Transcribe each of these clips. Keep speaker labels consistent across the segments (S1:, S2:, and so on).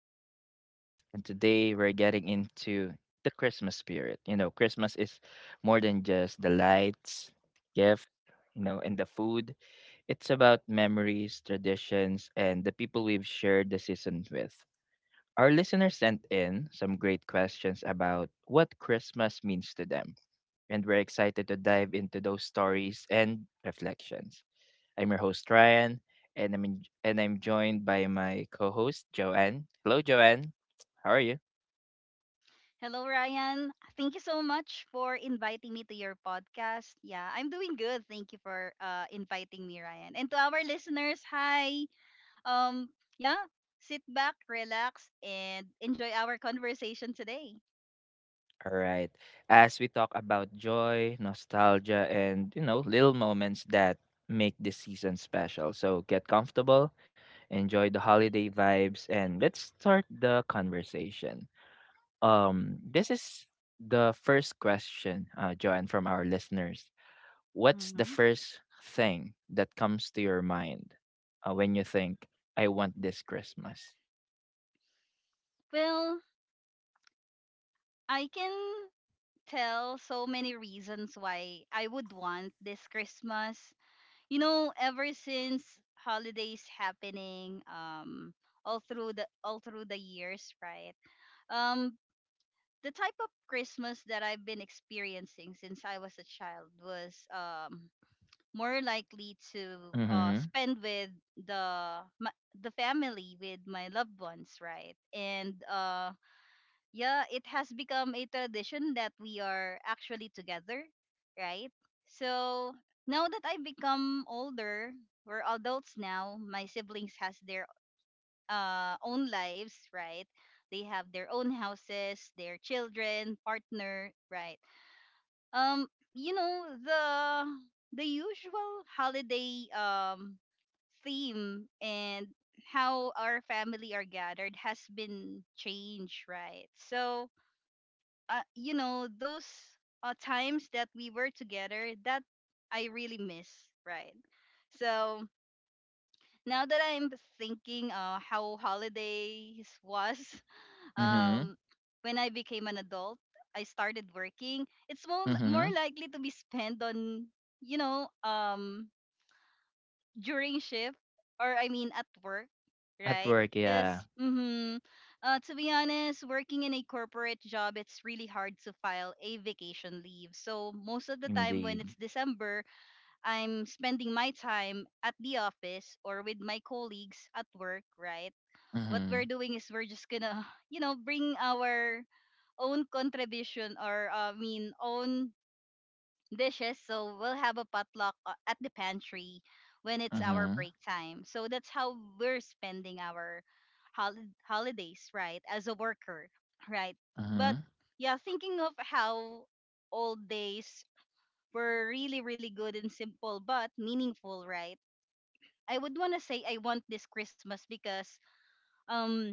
S1: the podcast. And today we're getting into the Christmas spirit. You know, Christmas is more than just the lights, gift, and the food. It's about memories, traditions, and the people we've shared the season with. Our listeners sent in some great questions about what Christmas means to them. And we're excited to dive into those stories and reflections. I'm your host Ryan, and I'm in, and I'm joined by my co-host Joanne. Hello, Joanne. How are you?
S2: Hello, Ryan. Thank you so much for inviting me to your podcast. Yeah, I'm doing good. Thank you for inviting me, Ryan. And to our listeners, hi. Um, yeah, sit back, relax, and enjoy our conversation today.
S1: All right. As we talk about joy, nostalgia, and little moments that make this season special, so get comfortable, enjoy the holiday vibes, and let's start the conversation. This is the first question, Joanne, from our listeners. What's the
S2: hmm
S1: first thing that comes to your mind when you think, "I want this Christmas"?
S2: Well, I can tell so many reasons why I would want this Christmas. You know, ever since holidays happening, all through the years, right? Um, the type of Christmas that I've been experiencing since I was a child was more likely to
S1: Mhm.
S2: spend with the my, the family with my loved ones, right? And yeah, it has become a tradition that we are actually together, right? So now that I've become older, we're adults now. My siblings has their own lives, right? They have their own houses, their children, partner, right? You know the usual holiday theme and how our family are gathered has been changed, right? So, you know, those times that we were together, that I really miss, right? So now that I'm thinking how holidays was
S1: Mhm.
S2: um, when I became an adult, I started working. It's more
S1: Mhm.
S2: likely to be spent on, you know, during shift or I mean at work,
S1: At
S2: right?
S1: work,
S2: Because,
S1: yeah,
S2: mm-hmm, to be honest, working in a corporate job, it's really hard to file a vacation leave. So most of the time, when
S1: indeed.
S2: it's December, I'm spending my time at the office or with my colleagues at work, right? What we're
S1: Mhm.
S2: doing is we're just gonna you know bring our own contribution or I mean own dishes. So we'll have a potluck at the pantry when it's our
S1: Mhm.
S2: break time. So that's how we're spending our holidays, right? As a worker, right? But
S1: Mhm.
S2: yeah, thinking of how old days were really really good and simple but meaningful, right? I would want to say I want this Christmas because um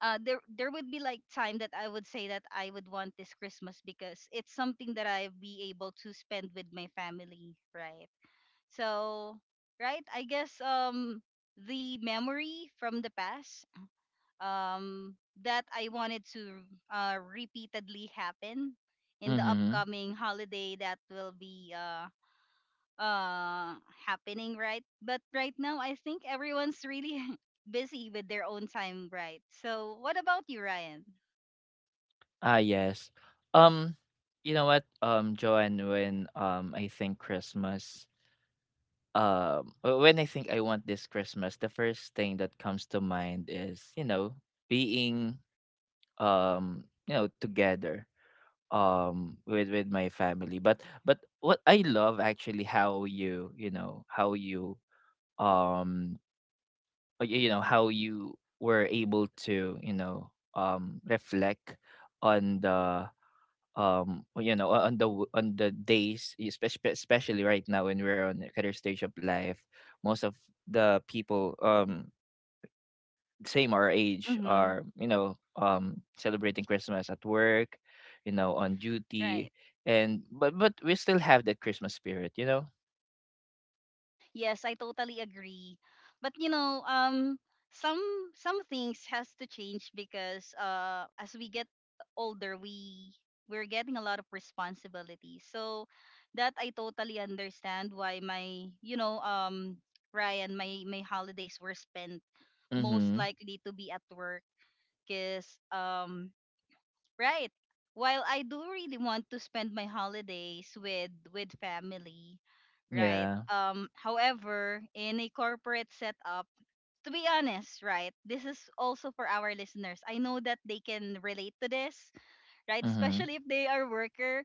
S2: there would be like time that I would say that I would want this Christmas because it's something that I be able to spend with my family, right? So, right, I guess the memory from the past um that I wanted to repeatedly happen in the
S1: Mhm.
S2: upcoming holiday that will be uh happening, right? But right now I think everyone's really busy with their own time, right? So what about you, Ryan?
S1: Ah, yes. Um, you know what, Joanne, when I think Christmas, when I think, "I want this Christmas," the first thing that comes to mind is being together with my family. But what I love actually, how you you know how you, um you know how you were able to, reflect on the you know on the w- on the days, especially right now when we're on the career stage of life. Most of the people, same our age,
S2: Mm-hmm.
S1: are celebrating Christmas at work, you know, on duty.
S2: Right.
S1: And but we still have that Christmas spirit.
S2: Yes, I totally agree. But you know, some some things has to change because as we get older, we're getting a lot of responsibilities. So that I totally understand why my you know Ryan my holidays were spent most
S1: Mhm.
S2: likely to be at work because. Right. While I do really want to spend my holidays with family, right?
S1: Yeah.
S2: Um, however, in a corporate setup, to be honest, right? This is also for our listeners. I know that they can relate to this, right?
S1: Mhm.
S2: Especially if they are worker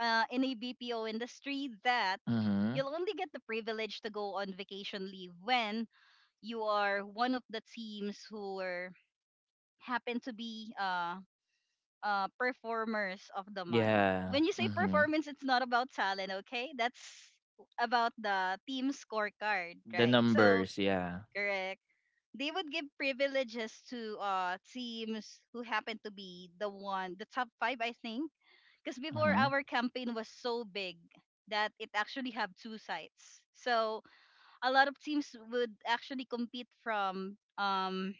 S2: in a BPO industry that
S1: Mhm.
S2: you'll only get the privilege to go on vacation leave when you are one of the teams who are happen to be performers of the month.
S1: Yeah.
S2: When you say
S1: Mhm.
S2: performance, it's not about talent, okay? That's about the team scorecard,
S1: The
S2: right? So,
S1: numbers, yeah.
S2: correct. They would give privileges to teams who happen to be the one, the top five, I think. Because before
S1: Mhm.
S2: our campaign was so big that it actually have two sites. So a lot of teams would actually compete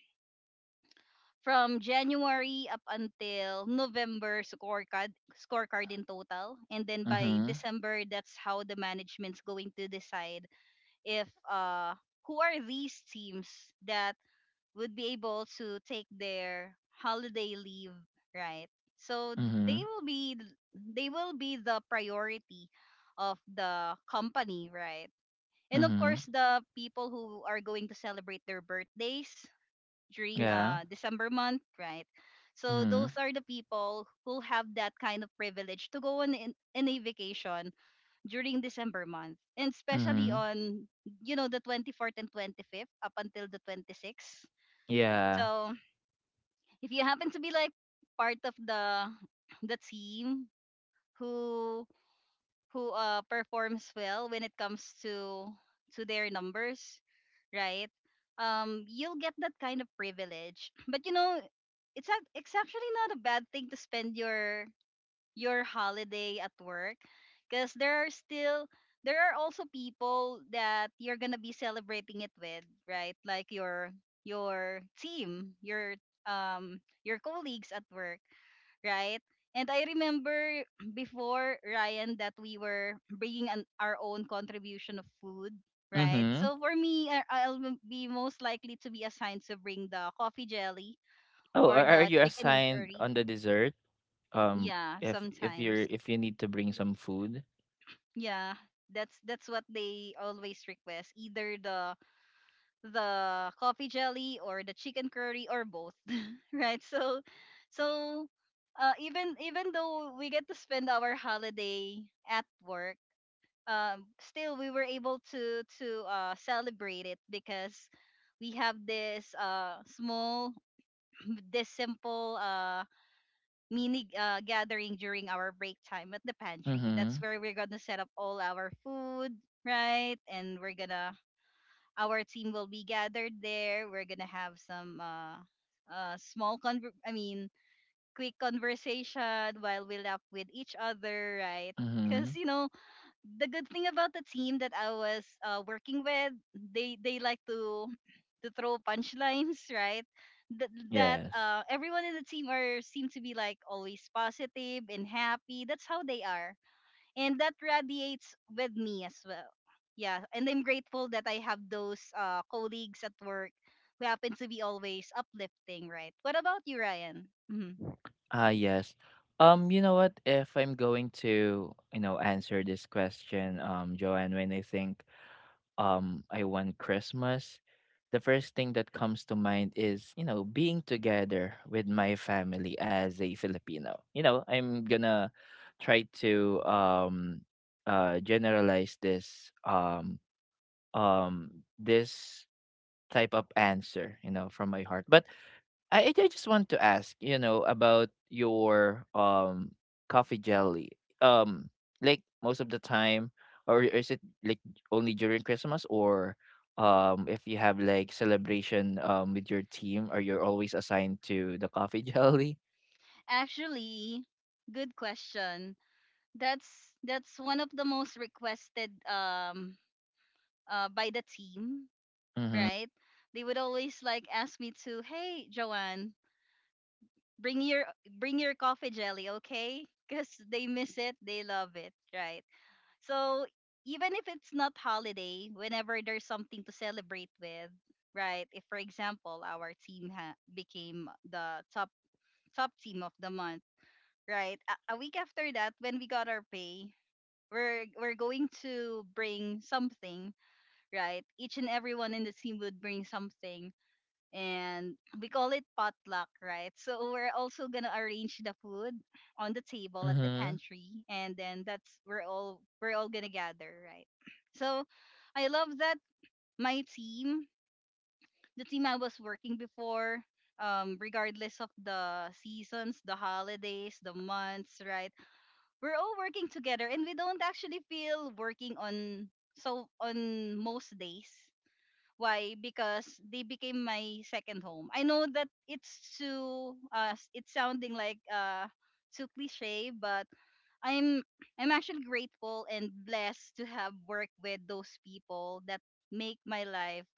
S2: from January up until November, scorecard in total, and then by
S1: Mhm.
S2: December that's how the management's going to decide if who are these teams that would be able to take their holiday leave, right? So they
S1: Mhm.
S2: will be, they will be the priority of the company, right? And of
S1: Mhm.
S2: course the people who are going to celebrate their birthdays during
S1: Yeah.
S2: December month, right? So those
S1: Mhm.
S2: are the people who have that kind of privilege to go on in a vacation during December month, and especially
S1: Mhm.
S2: on you know the 24th and 25th up until the 26th.
S1: Yeah.
S2: So if you happen to be like part of the team who performs well when it comes to their numbers, right? You'll get that kind of privilege. But you know, it's actually not a bad thing to spend your holiday at work, because there are still, there are also people that you're gonna be celebrating it with, right? Like your team, your colleagues at work, right? And I remember before, Ryan, that we were bringing an, our own contribution of food, right?
S1: Mhm.
S2: So for me, I'll be most likely to be assigned to bring the coffee jelly
S1: Oh,
S2: or
S1: are
S2: the
S1: you
S2: chicken
S1: assigned
S2: curry.
S1: on the dessert? um
S2: Yeah,
S1: if if you're
S2: sometimes.
S1: if you need to bring some food?
S2: Yeah, that's what they always request, either the coffee jelly or the chicken curry or both right. So, so even though we get to spend our holiday at work, still we were able to celebrate it because we have this small this simple mini gathering during our break time at the pantry. That's
S1: Mhm.
S2: where we're gonna set up all our food, right? And we're gonna, our team will be gathered there. We're gonna have some small I mean, quick conversation while we laugh with each other, right? Because
S1: Mhm.
S2: you know the good thing about the team that I was working with, they like to throw punchlines, right? That
S1: Yes.
S2: everyone in the team are seem to be like always positive and happy. That's how they are, and that radiates with me as well. Yeah, and I'm grateful that I have those colleagues at work who happen to be always uplifting, right? What about you, Ryan? Mhm.
S1: Ah, yes. You know what? If I'm going to, you know, answer this question, Joanne, when I think, I want Christmas, the first thing that comes to mind is, you know, being together with my family as a Filipino. You know, I'm gonna try to generalize um, this type of answer, you know, from my heart. But I just want to ask, you know, about your coffee jelly. Um, like most of the time, or is it like only during Christmas, or if you have like celebration with your team, or you are always assigned to the coffee jelly?
S2: Actually, good question. That's one of the most requested by the team,
S1: Mm-hmm.
S2: right? They would always like ask me to, "Hey, Joanne, bring your, bring your coffee jelly, okay?" Because they miss it, they love it, right? So even if it's not holiday, whenever there's something to celebrate with, right? If for example our team became the top team of the month, right? A week after that, when we got our pay, we're going to bring something, right? Each and everyone in the team would bring something, and we call it potluck, right? So we're also gonna arrange the food on the table at the
S1: Mm-hmm.
S2: pantry, and then that's we're all gonna gather, right? So I love that my team, the team I was working before, regardless of the seasons, the holidays, the months, right? We're all working together, and we don't actually feel working on so on most days. Why? Because they became my second home. I know that it's too it's sounding like too cliche, but I'm I'm actually grateful and blessed to have worked with those people that make my life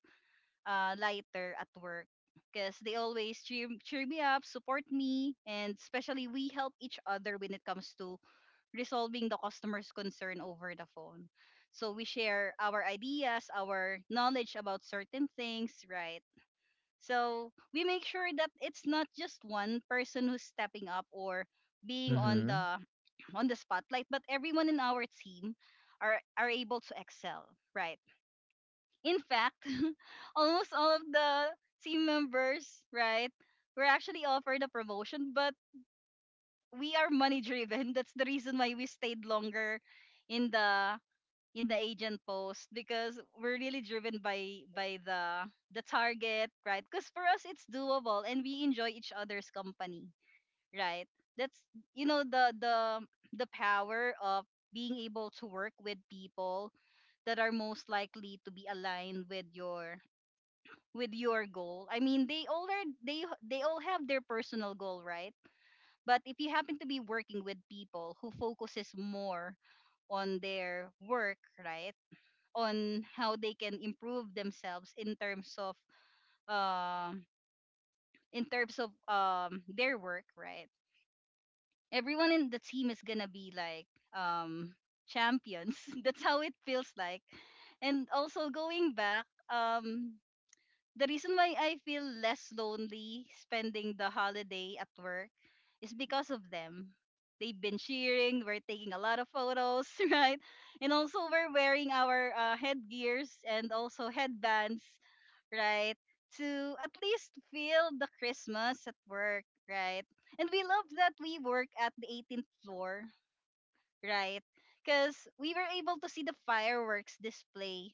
S2: lighter at work. Because they always cheer me up, support me, and especially we help each other when it comes to resolving the customer's concern over the phone. So we share our ideas, our knowledge about certain things, right? So we make sure that it's not just one person who's stepping up or being on the on the spotlight, but everyone in our team are able to excel, right? In fact, almost all of the team members, right, were actually offered a promotion, but we are money driven. That's the reason why we stayed longer in the in the agent post because we're really driven by the target, right? Because for us it's doable and we enjoy each other's company, right? That's, you know, the power of being able to work with people that are most likely to be aligned with your goal. I mean, they all have their personal goal, right? But if you happen to be working with people who focuses more on their work, right? On how they can improve themselves in terms of um their work, right? Everyone in the team is gonna be like um champions. That's how it feels like. And also going back, um the reason why I feel less lonely spending the holiday at work is because of them. They've been cheering, we're taking a lot of photos, right? And also we're wearing our headgears and also headbands, right? To at least feel the Christmas at work, right? And we love that we work at the 18th floor, right? Because we were able to see the fireworks display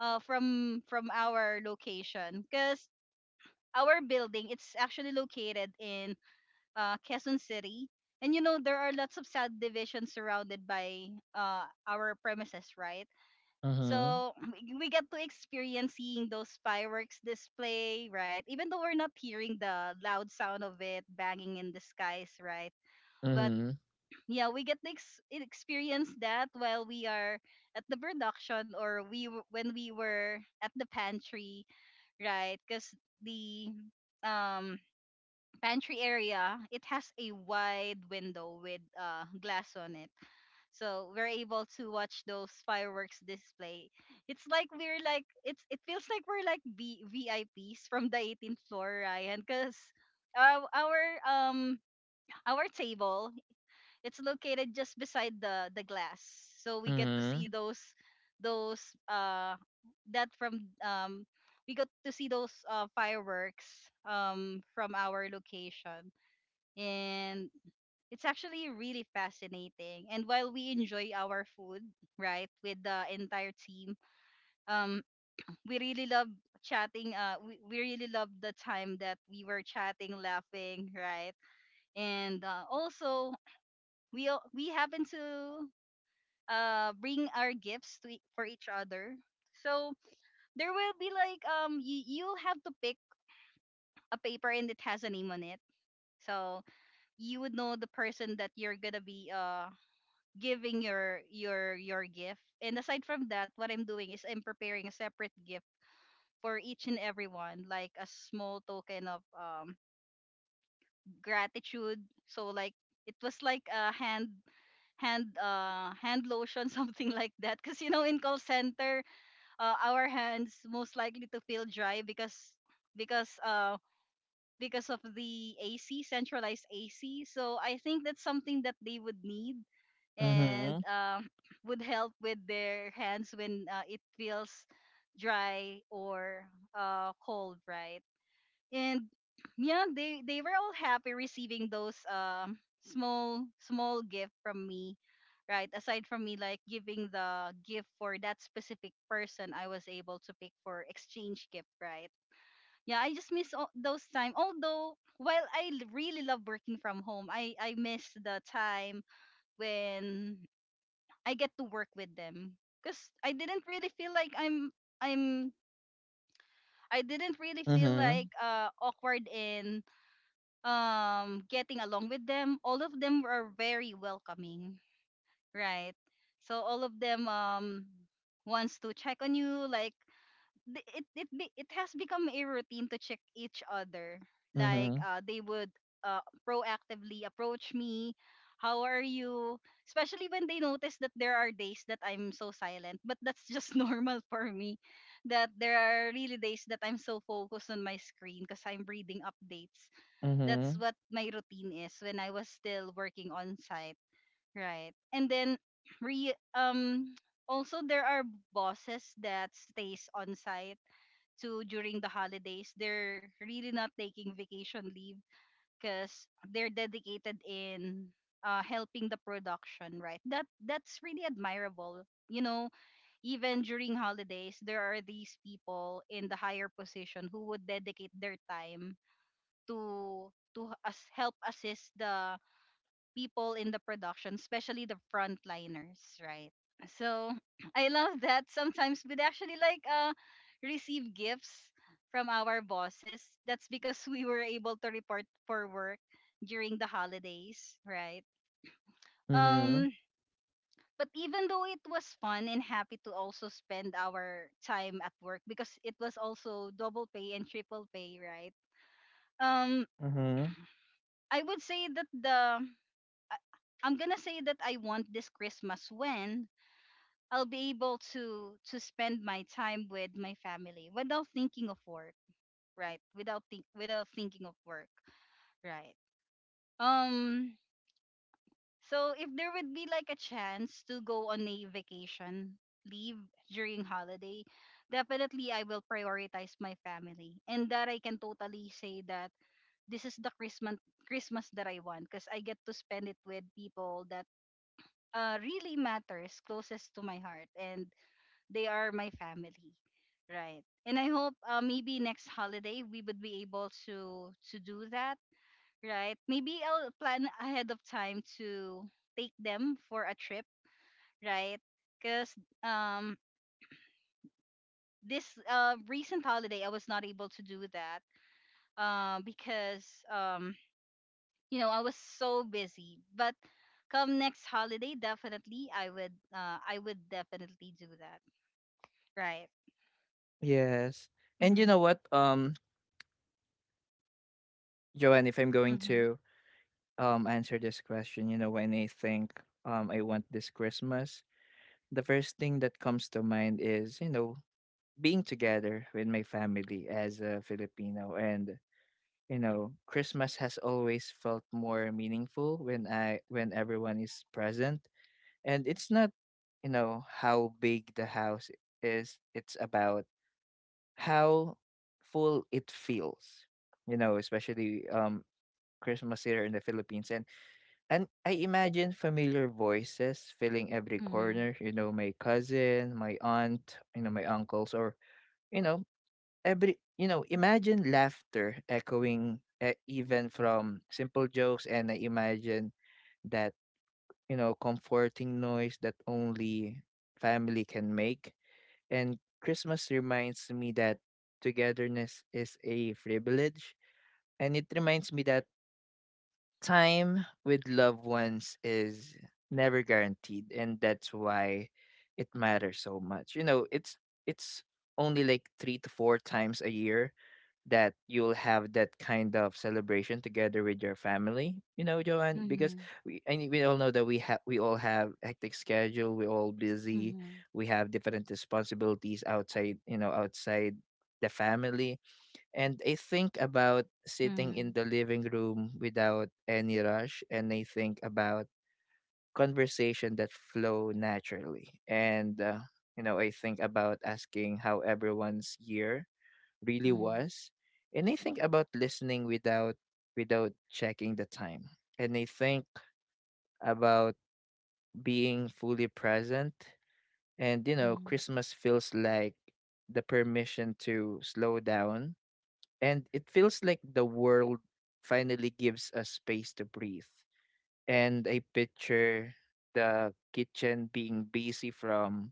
S2: from our location. Because our building, it's actually located in Quezon City. There are lots of subdivisions surrounded by our premises, right?
S1: Mm-hmm.
S2: So we get to experience seeing those fireworks display, right? Even though we're not hearing the loud sound of it banging in the skies, right? But
S1: Mm-hmm.
S2: yeah, we get to experience that while we are at the production or when we were at the pantry, right? Because the um pantry area, it has a wide window with glass on it, so we're able to watch those fireworks display. It feels like we're like VIPs from the 18th floor, Ryan, because our, our um our table, it's located just beside the glass. So we get to see those uh that from we got to see those fireworks from our location. And it's actually really fascinating. And while we enjoy our food, right, with the entire team, um, we really love chatting. We really love the time that we were chatting, laughing, right, and also we happen to bring our gifts for each other. So there will be like you'll have to pick a paper, and it has a name on it. So you would know the person that you're gonna be giving your gift. And aside from that, what I'm doing is I'm preparing a separate gift for each and everyone, like a small token of gratitude. So, like, it was like a hand lotion something like that because in call center, our hands most likely to feel dry because uh because of the AC, centralized AC, so I think that's something that they would need,
S1: Mm-hmm.
S2: and
S1: Mm-hmm.
S2: would help with their hands when it feels dry or cold, right? And yeah, they were all happy receiving those small gift from me, right? Aside from me, like, giving the gift for that specific person, I was able to pick for exchange gift, right? Yeah, I just miss all those time. Although while really love working from home, I miss the time when I get to work with them, because I didn't really feel like I'm
S1: Mm-hmm.
S2: awkward in getting along with them. All of them were very welcoming, right? So all of them wants to check on you, like it has become a routine to check each other. Like,
S1: Mm-hmm.
S2: they would, proactively approach me, how are you? Especially when they notice that there are days that I'm so silent, but that's just normal for me. That there are really days that I'm so focused on my screen because I'm reading updates.
S1: Mm-hmm.
S2: That's
S1: Mm-hmm.
S2: what my routine is when I was still working on site, right? And then re also there are bosses that stays on site to during the holidays, they're really not taking vacation leave because they're dedicated in helping the production, right? That's really admirable. Even during holidays, there are these people in the higher position who would dedicate their time to as help assist the people in the production, especially the frontliners, right? So I love that. Sometimes we'd actually, like, receive gifts from our bosses. That's because we were able to report for work during the holidays, right?
S1: Mm-hmm.
S2: Um but even though it was fun and happy to also spend our time at work because it was also double pay and triple pay, right? Um
S1: Mm-hmm.
S2: I would say that the I- I'm gonna say that I want this Christmas when I'll be able to spend my time with my family without thinking of work, right? Without thinking of work, right? Um so if there would be like a chance to go on a vacation leave during holiday, definitely I will prioritize my family. And that I can totally say that this is the Christmas that I want because I get to spend it with people that really matters closest to my heart, and they are my family, right? And I hope, maybe next holiday we would be able to do that, right? Maybe I'll plan ahead of time to take them for a trip, right? Because um this recent holiday I was not able to do that, because I was so busy, but come next holiday, definitely I would definitely do that, right.
S1: Yes. And you
S2: Mm-hmm.
S1: know what, Joanne, if I'm going
S2: Mm-hmm.
S1: to answer this question, you know, when I think, I want this Christmas, the first thing that comes to mind is, you know, being together with my family as a Filipino. And you know, Christmas has always felt more meaningful when I when everyone is present, and it's not, you know, how big the house is, it's about how full it feels. You know, especially Christmas here in the Philippines And I imagine familiar voices filling every
S2: Mm-hmm.
S1: corner, you know, my cousin, my aunt, you know, my uncles, or, you know, imagine laughter echoing, even from simple jokes. And I imagine that comforting noise that only family can make. And Christmas reminds me that togetherness is a privilege. And it reminds me that time with loved ones is never guaranteed, and that's why it matters so much. It's only like 3 to 4 times a year that you'll have that kind of celebration together with your family, you know, Joanne, because
S2: Mm-hmm.
S1: we all know that we all have hectic schedule, we're all busy.
S2: Mhm.
S1: We have different responsibilities outside, outside the family. And I think about sitting in
S2: Mhm.
S1: the living room without any rush, and I think about conversation that flow naturally. And you know, I think about asking how everyone's year really
S2: Mhm.
S1: was, and I think about listening without checking the time. And I think about being fully present. And you know,
S2: Mhm.
S1: Christmas feels like the permission to slow down, and it feels like the world finally gives us space to breathe. And I picture the kitchen being busy from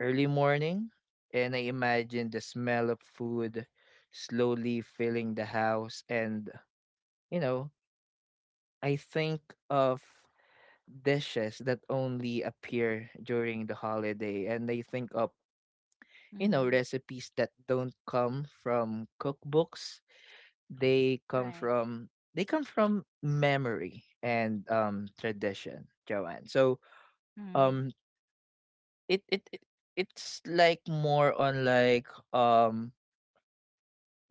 S1: early morning, and I imagine the smell of food slowly filling the house. And, you know, I think of dishes that only appear during the holiday, and I think of
S2: Mhm.
S1: recipes that don't come from cookbooks, they come
S2: Right.
S1: from they come from memory and tradition, Joanne. So,
S2: Mhm.
S1: um it it, it it's like more on like, um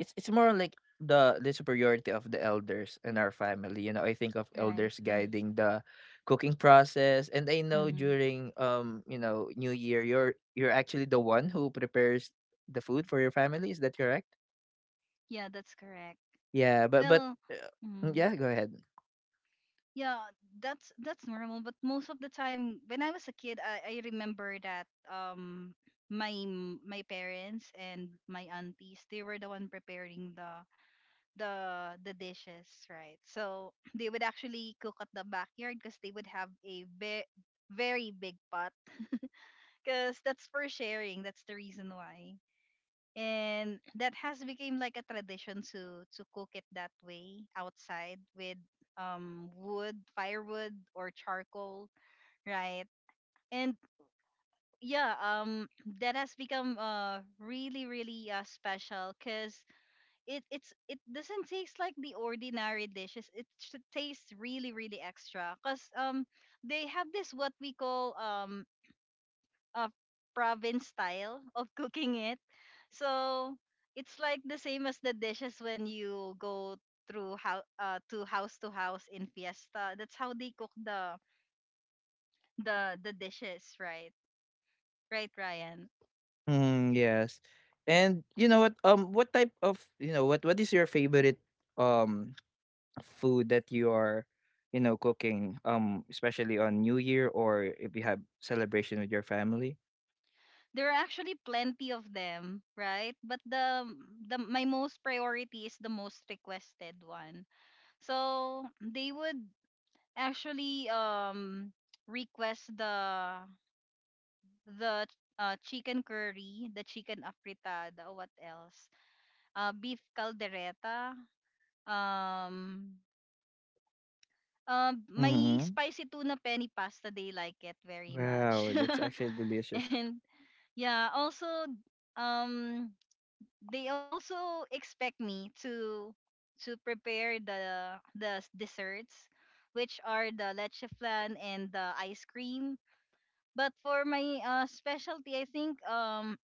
S1: it's more on like the superiority of the elders in our family. You know, I think of
S2: Right.
S1: elders guiding the cooking process. And I know
S2: Mhm.
S1: during, New Year, you're actually the one who prepares the food for your family, is that correct?
S2: Yeah, that's correct.
S1: Yeah, but
S2: Well, mm,
S1: yeah, go ahead.
S2: yeah, that's normal. But most of the time, when I was a kid, I remember that my parents and my aunties, they were the one preparing the dishes, right? So they would actually cook at the backyard because they would have a very big pot because that's for sharing. That's the reason why. And that has become like a tradition to cook it that way outside with wood, firewood or charcoal, right? And yeah, that has become really really special cuz it doesn't taste like the ordinary dishes. It should taste really really extra cuz they have this what we call uh, province style of cooking it. So it's like the same as the dishes when you go through how to house in fiesta. That's how they cook the dishes, right? Right, Ryan.
S1: Mm, yes. And you know what? What type of what is your favorite um food that you are cooking, especially on New Year, or if you have celebration with your family?
S2: There are actually plenty of them, right? But the my most priority is the most requested one. So they would actually request the chicken curry, the chicken afritada, what else? Beef caldereta. Um, my
S1: Mm-hmm.
S2: spicy tuna penny pasta, they like it very
S1: Wow,
S2: much.
S1: that's actually delicious.
S2: And yeah, also, um, they also expect me to prepare the desserts, which are the leche flan and the ice cream. But for my specialty, I think,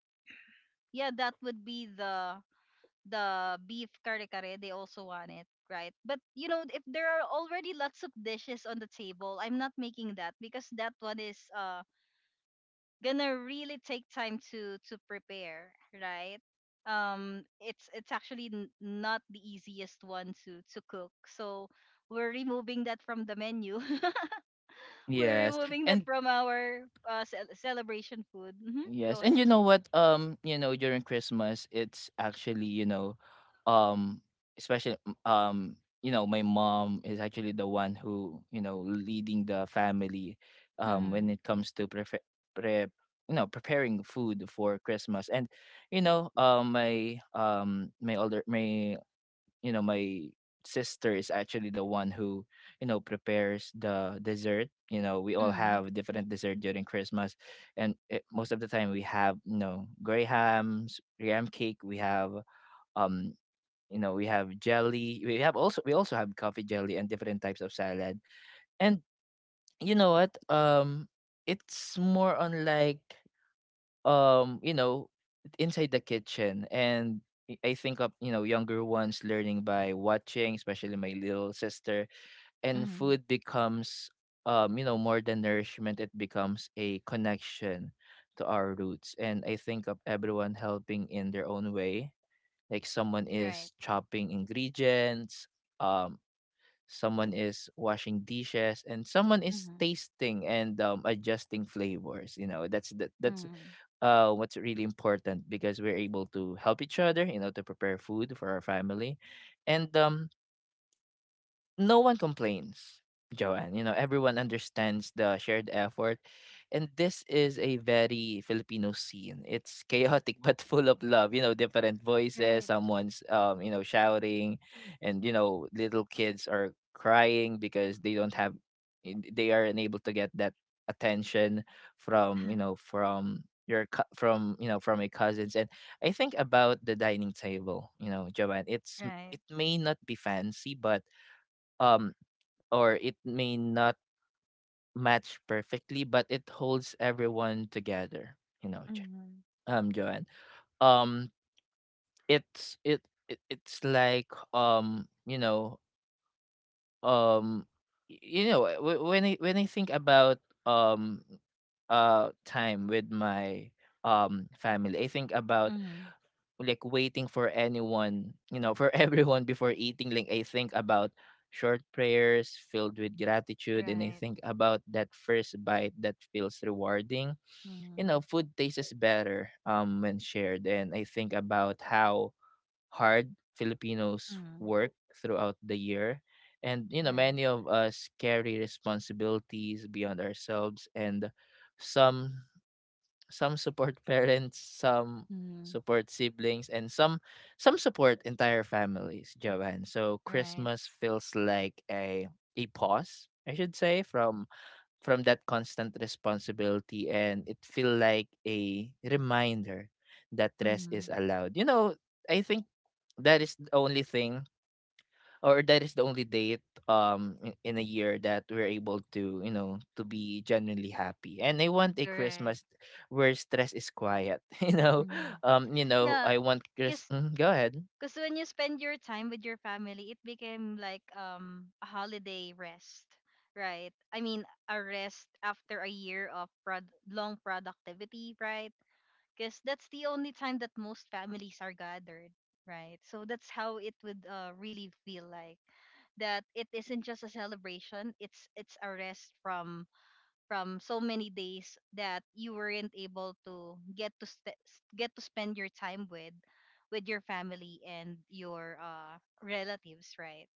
S2: yeah, that would be the beef kare kare, they also want it, right? But if there are already lots of dishes on the table, I'm not making that because that one is gonna really take time to prepare, right? It's actually not the easiest one to cook, so we're removing that from the menu. We're
S1: Yes.
S2: removing that
S1: And
S2: from our celebration food. Hmm.
S1: Yes,
S2: Go
S1: and
S2: ahead.
S1: you know what? You know, during Christmas, it's actually, um, especially, um, my mom is actually the one who, leading the family, when
S2: Mm-hmm.
S1: it comes to prefer pre you know preparing food for Christmas, and you know, my my older my you know my sister is actually the one who, prepares the dessert. You know, we all have different dessert during Christmas. Most of the time, we have, graham cake, we have, um jelly, we have, also we also have coffee jelly and different types of salad. And you know what, it's more on like, um you know inside the kitchen. And I think of, younger ones learning by watching, especially my little sister. And
S2: Mm-hmm.
S1: food becomes, more than nourishment, it becomes a connection to our roots. And I think of everyone helping in their own way, like someone is
S2: Right.
S1: chopping ingredients, um someone is washing dishes, and someone is
S2: Mm-hmm.
S1: tasting and, adjusting flavors. You know, that's that, that's
S2: Mm-hmm.
S1: what's really important, because we're able to help each other, you know, to prepare food for our family. And no one complains, Joanne. You know, everyone understands the shared effort. And this is a very Filipino scene. It's chaotic but full of love. You know, different voices,
S2: Right.
S1: someone's, shouting, and you know, little kids are crying because they don't have they are unable to get that attention from, your cou- from you know from a cousins. And I think about the dining table. Joanne,
S2: Right.
S1: it may not be fancy, but, um or it may not match perfectly, but it holds everyone together. You know,
S2: Mhm.
S1: Joanne. Um, it's it, it it's like, um, you know, when I think about, um, time with my, family, I think about
S2: Mhm.
S1: like waiting for anyone, you know, for everyone before eating. Like I think about short prayers filled with gratitude, and I
S2: Right.
S1: think about that first bite that feels rewarding. You
S2: Mhm.
S1: know, food tastes better, when shared. And I think about how hard Filipinos
S2: Mhm.
S1: work throughout the year. And you know,
S2: Right.
S1: many of us carry responsibilities beyond ourselves, and some some support parents, some
S2: Mhm.
S1: support siblings, and some support entire families, Joanne. So
S2: Right.
S1: Christmas feels like a pause, I should say, from, that constant responsibility, and it feel like a reminder that rest
S2: Mhm.
S1: is allowed. You know, I think that is the only thing, or that is the only date, in a year that we're able to, to be genuinely happy. And I want a
S2: Correct.
S1: Christmas where stress is quiet you know,
S2: Mhm.
S1: you know
S2: Yeah,
S1: I want chris
S2: because
S1: Mhm, go ahead.
S2: because when you spend your time with your family, it became like a holiday rest, right? I mean, a rest after a year of long productivity, right? Because that's the only time that most families are gathered, right? So that's how it would, really feel like that it isn't just a celebration, it's a rest from so many days that you weren't able to get to spend your time with your family and your relatives, right.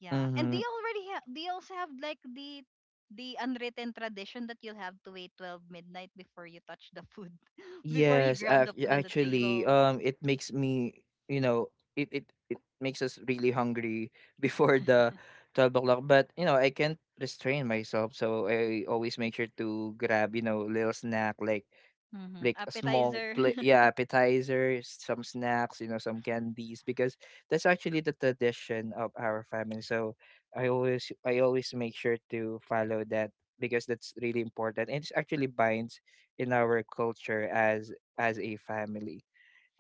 S2: Yeah. And
S1: Mm-hmm.
S2: they also have, like, the unwritten tradition that you'll have to wait 12 midnight before you touch the food, before you
S1: Yes,
S2: grab the food on the
S1: actually,
S2: table.
S1: it makes me, you know, it makes us really hungry before the 12 o'clock. But you know, I can't restrain myself, so I always make sure to grab, you know, little snack, like
S2: Hmm.
S1: like a small
S2: Appetizer.
S1: plate, yeah, appetizer, some snacks, you know, some candies, because that's actually the tradition of our family. So I always make sure to follow that because that's really important, and it's actually binds in our culture as, a family.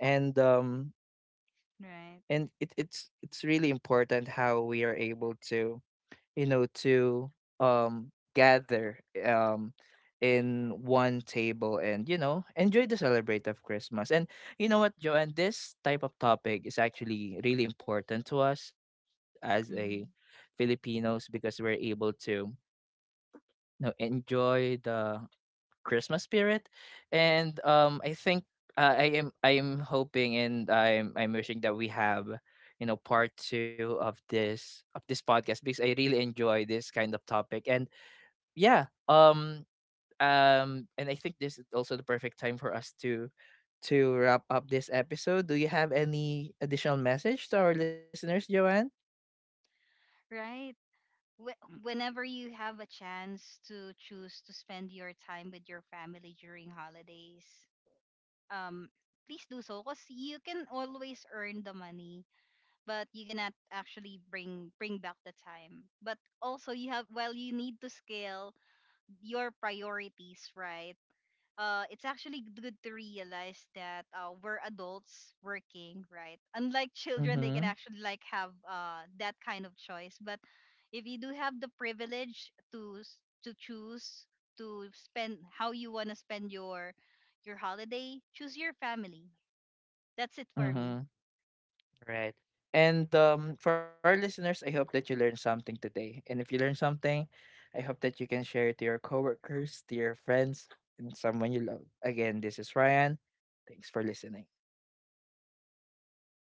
S1: And um
S2: Right.
S1: and it, it's it's really important how we are able to, to, gather, um in one table, and you know, enjoy the celebrate of Christmas. And you know what, Joanne, this type of topic is actually really important to us as a
S2: Hmm.
S1: Filipinos, because we're able to, enjoy the Christmas spirit. And I think, I am hoping, and I'm wishing that we have, part two of, this podcast, because I really enjoy this kind of topic. And yeah, and I think this is also the perfect time for us to, wrap up this episode. Do you have any additional message to our listeners, Joanne?
S2: Right. Whenever you have a chance to choose to spend your time with your family during holidays, um, please do so, because you can always earn the money but you cannot actually bring back the time. But also, you have well, you need to scale your priorities, right. It's actually good to realize that, we're adults working, right, unlike children, they can
S1: Mhm,
S2: actually, like, have, that kind of choice, but if you do have the privilege to choose to spend how you want to spend your holiday, choose your family. That's it for me.
S1: mhm. Right. And for our listeners, I hope that you learned something today. And if you learned something, I hope that you can share it to your coworkers, to your friends, and someone you love. Again, this is Ryan. Thanks for listening.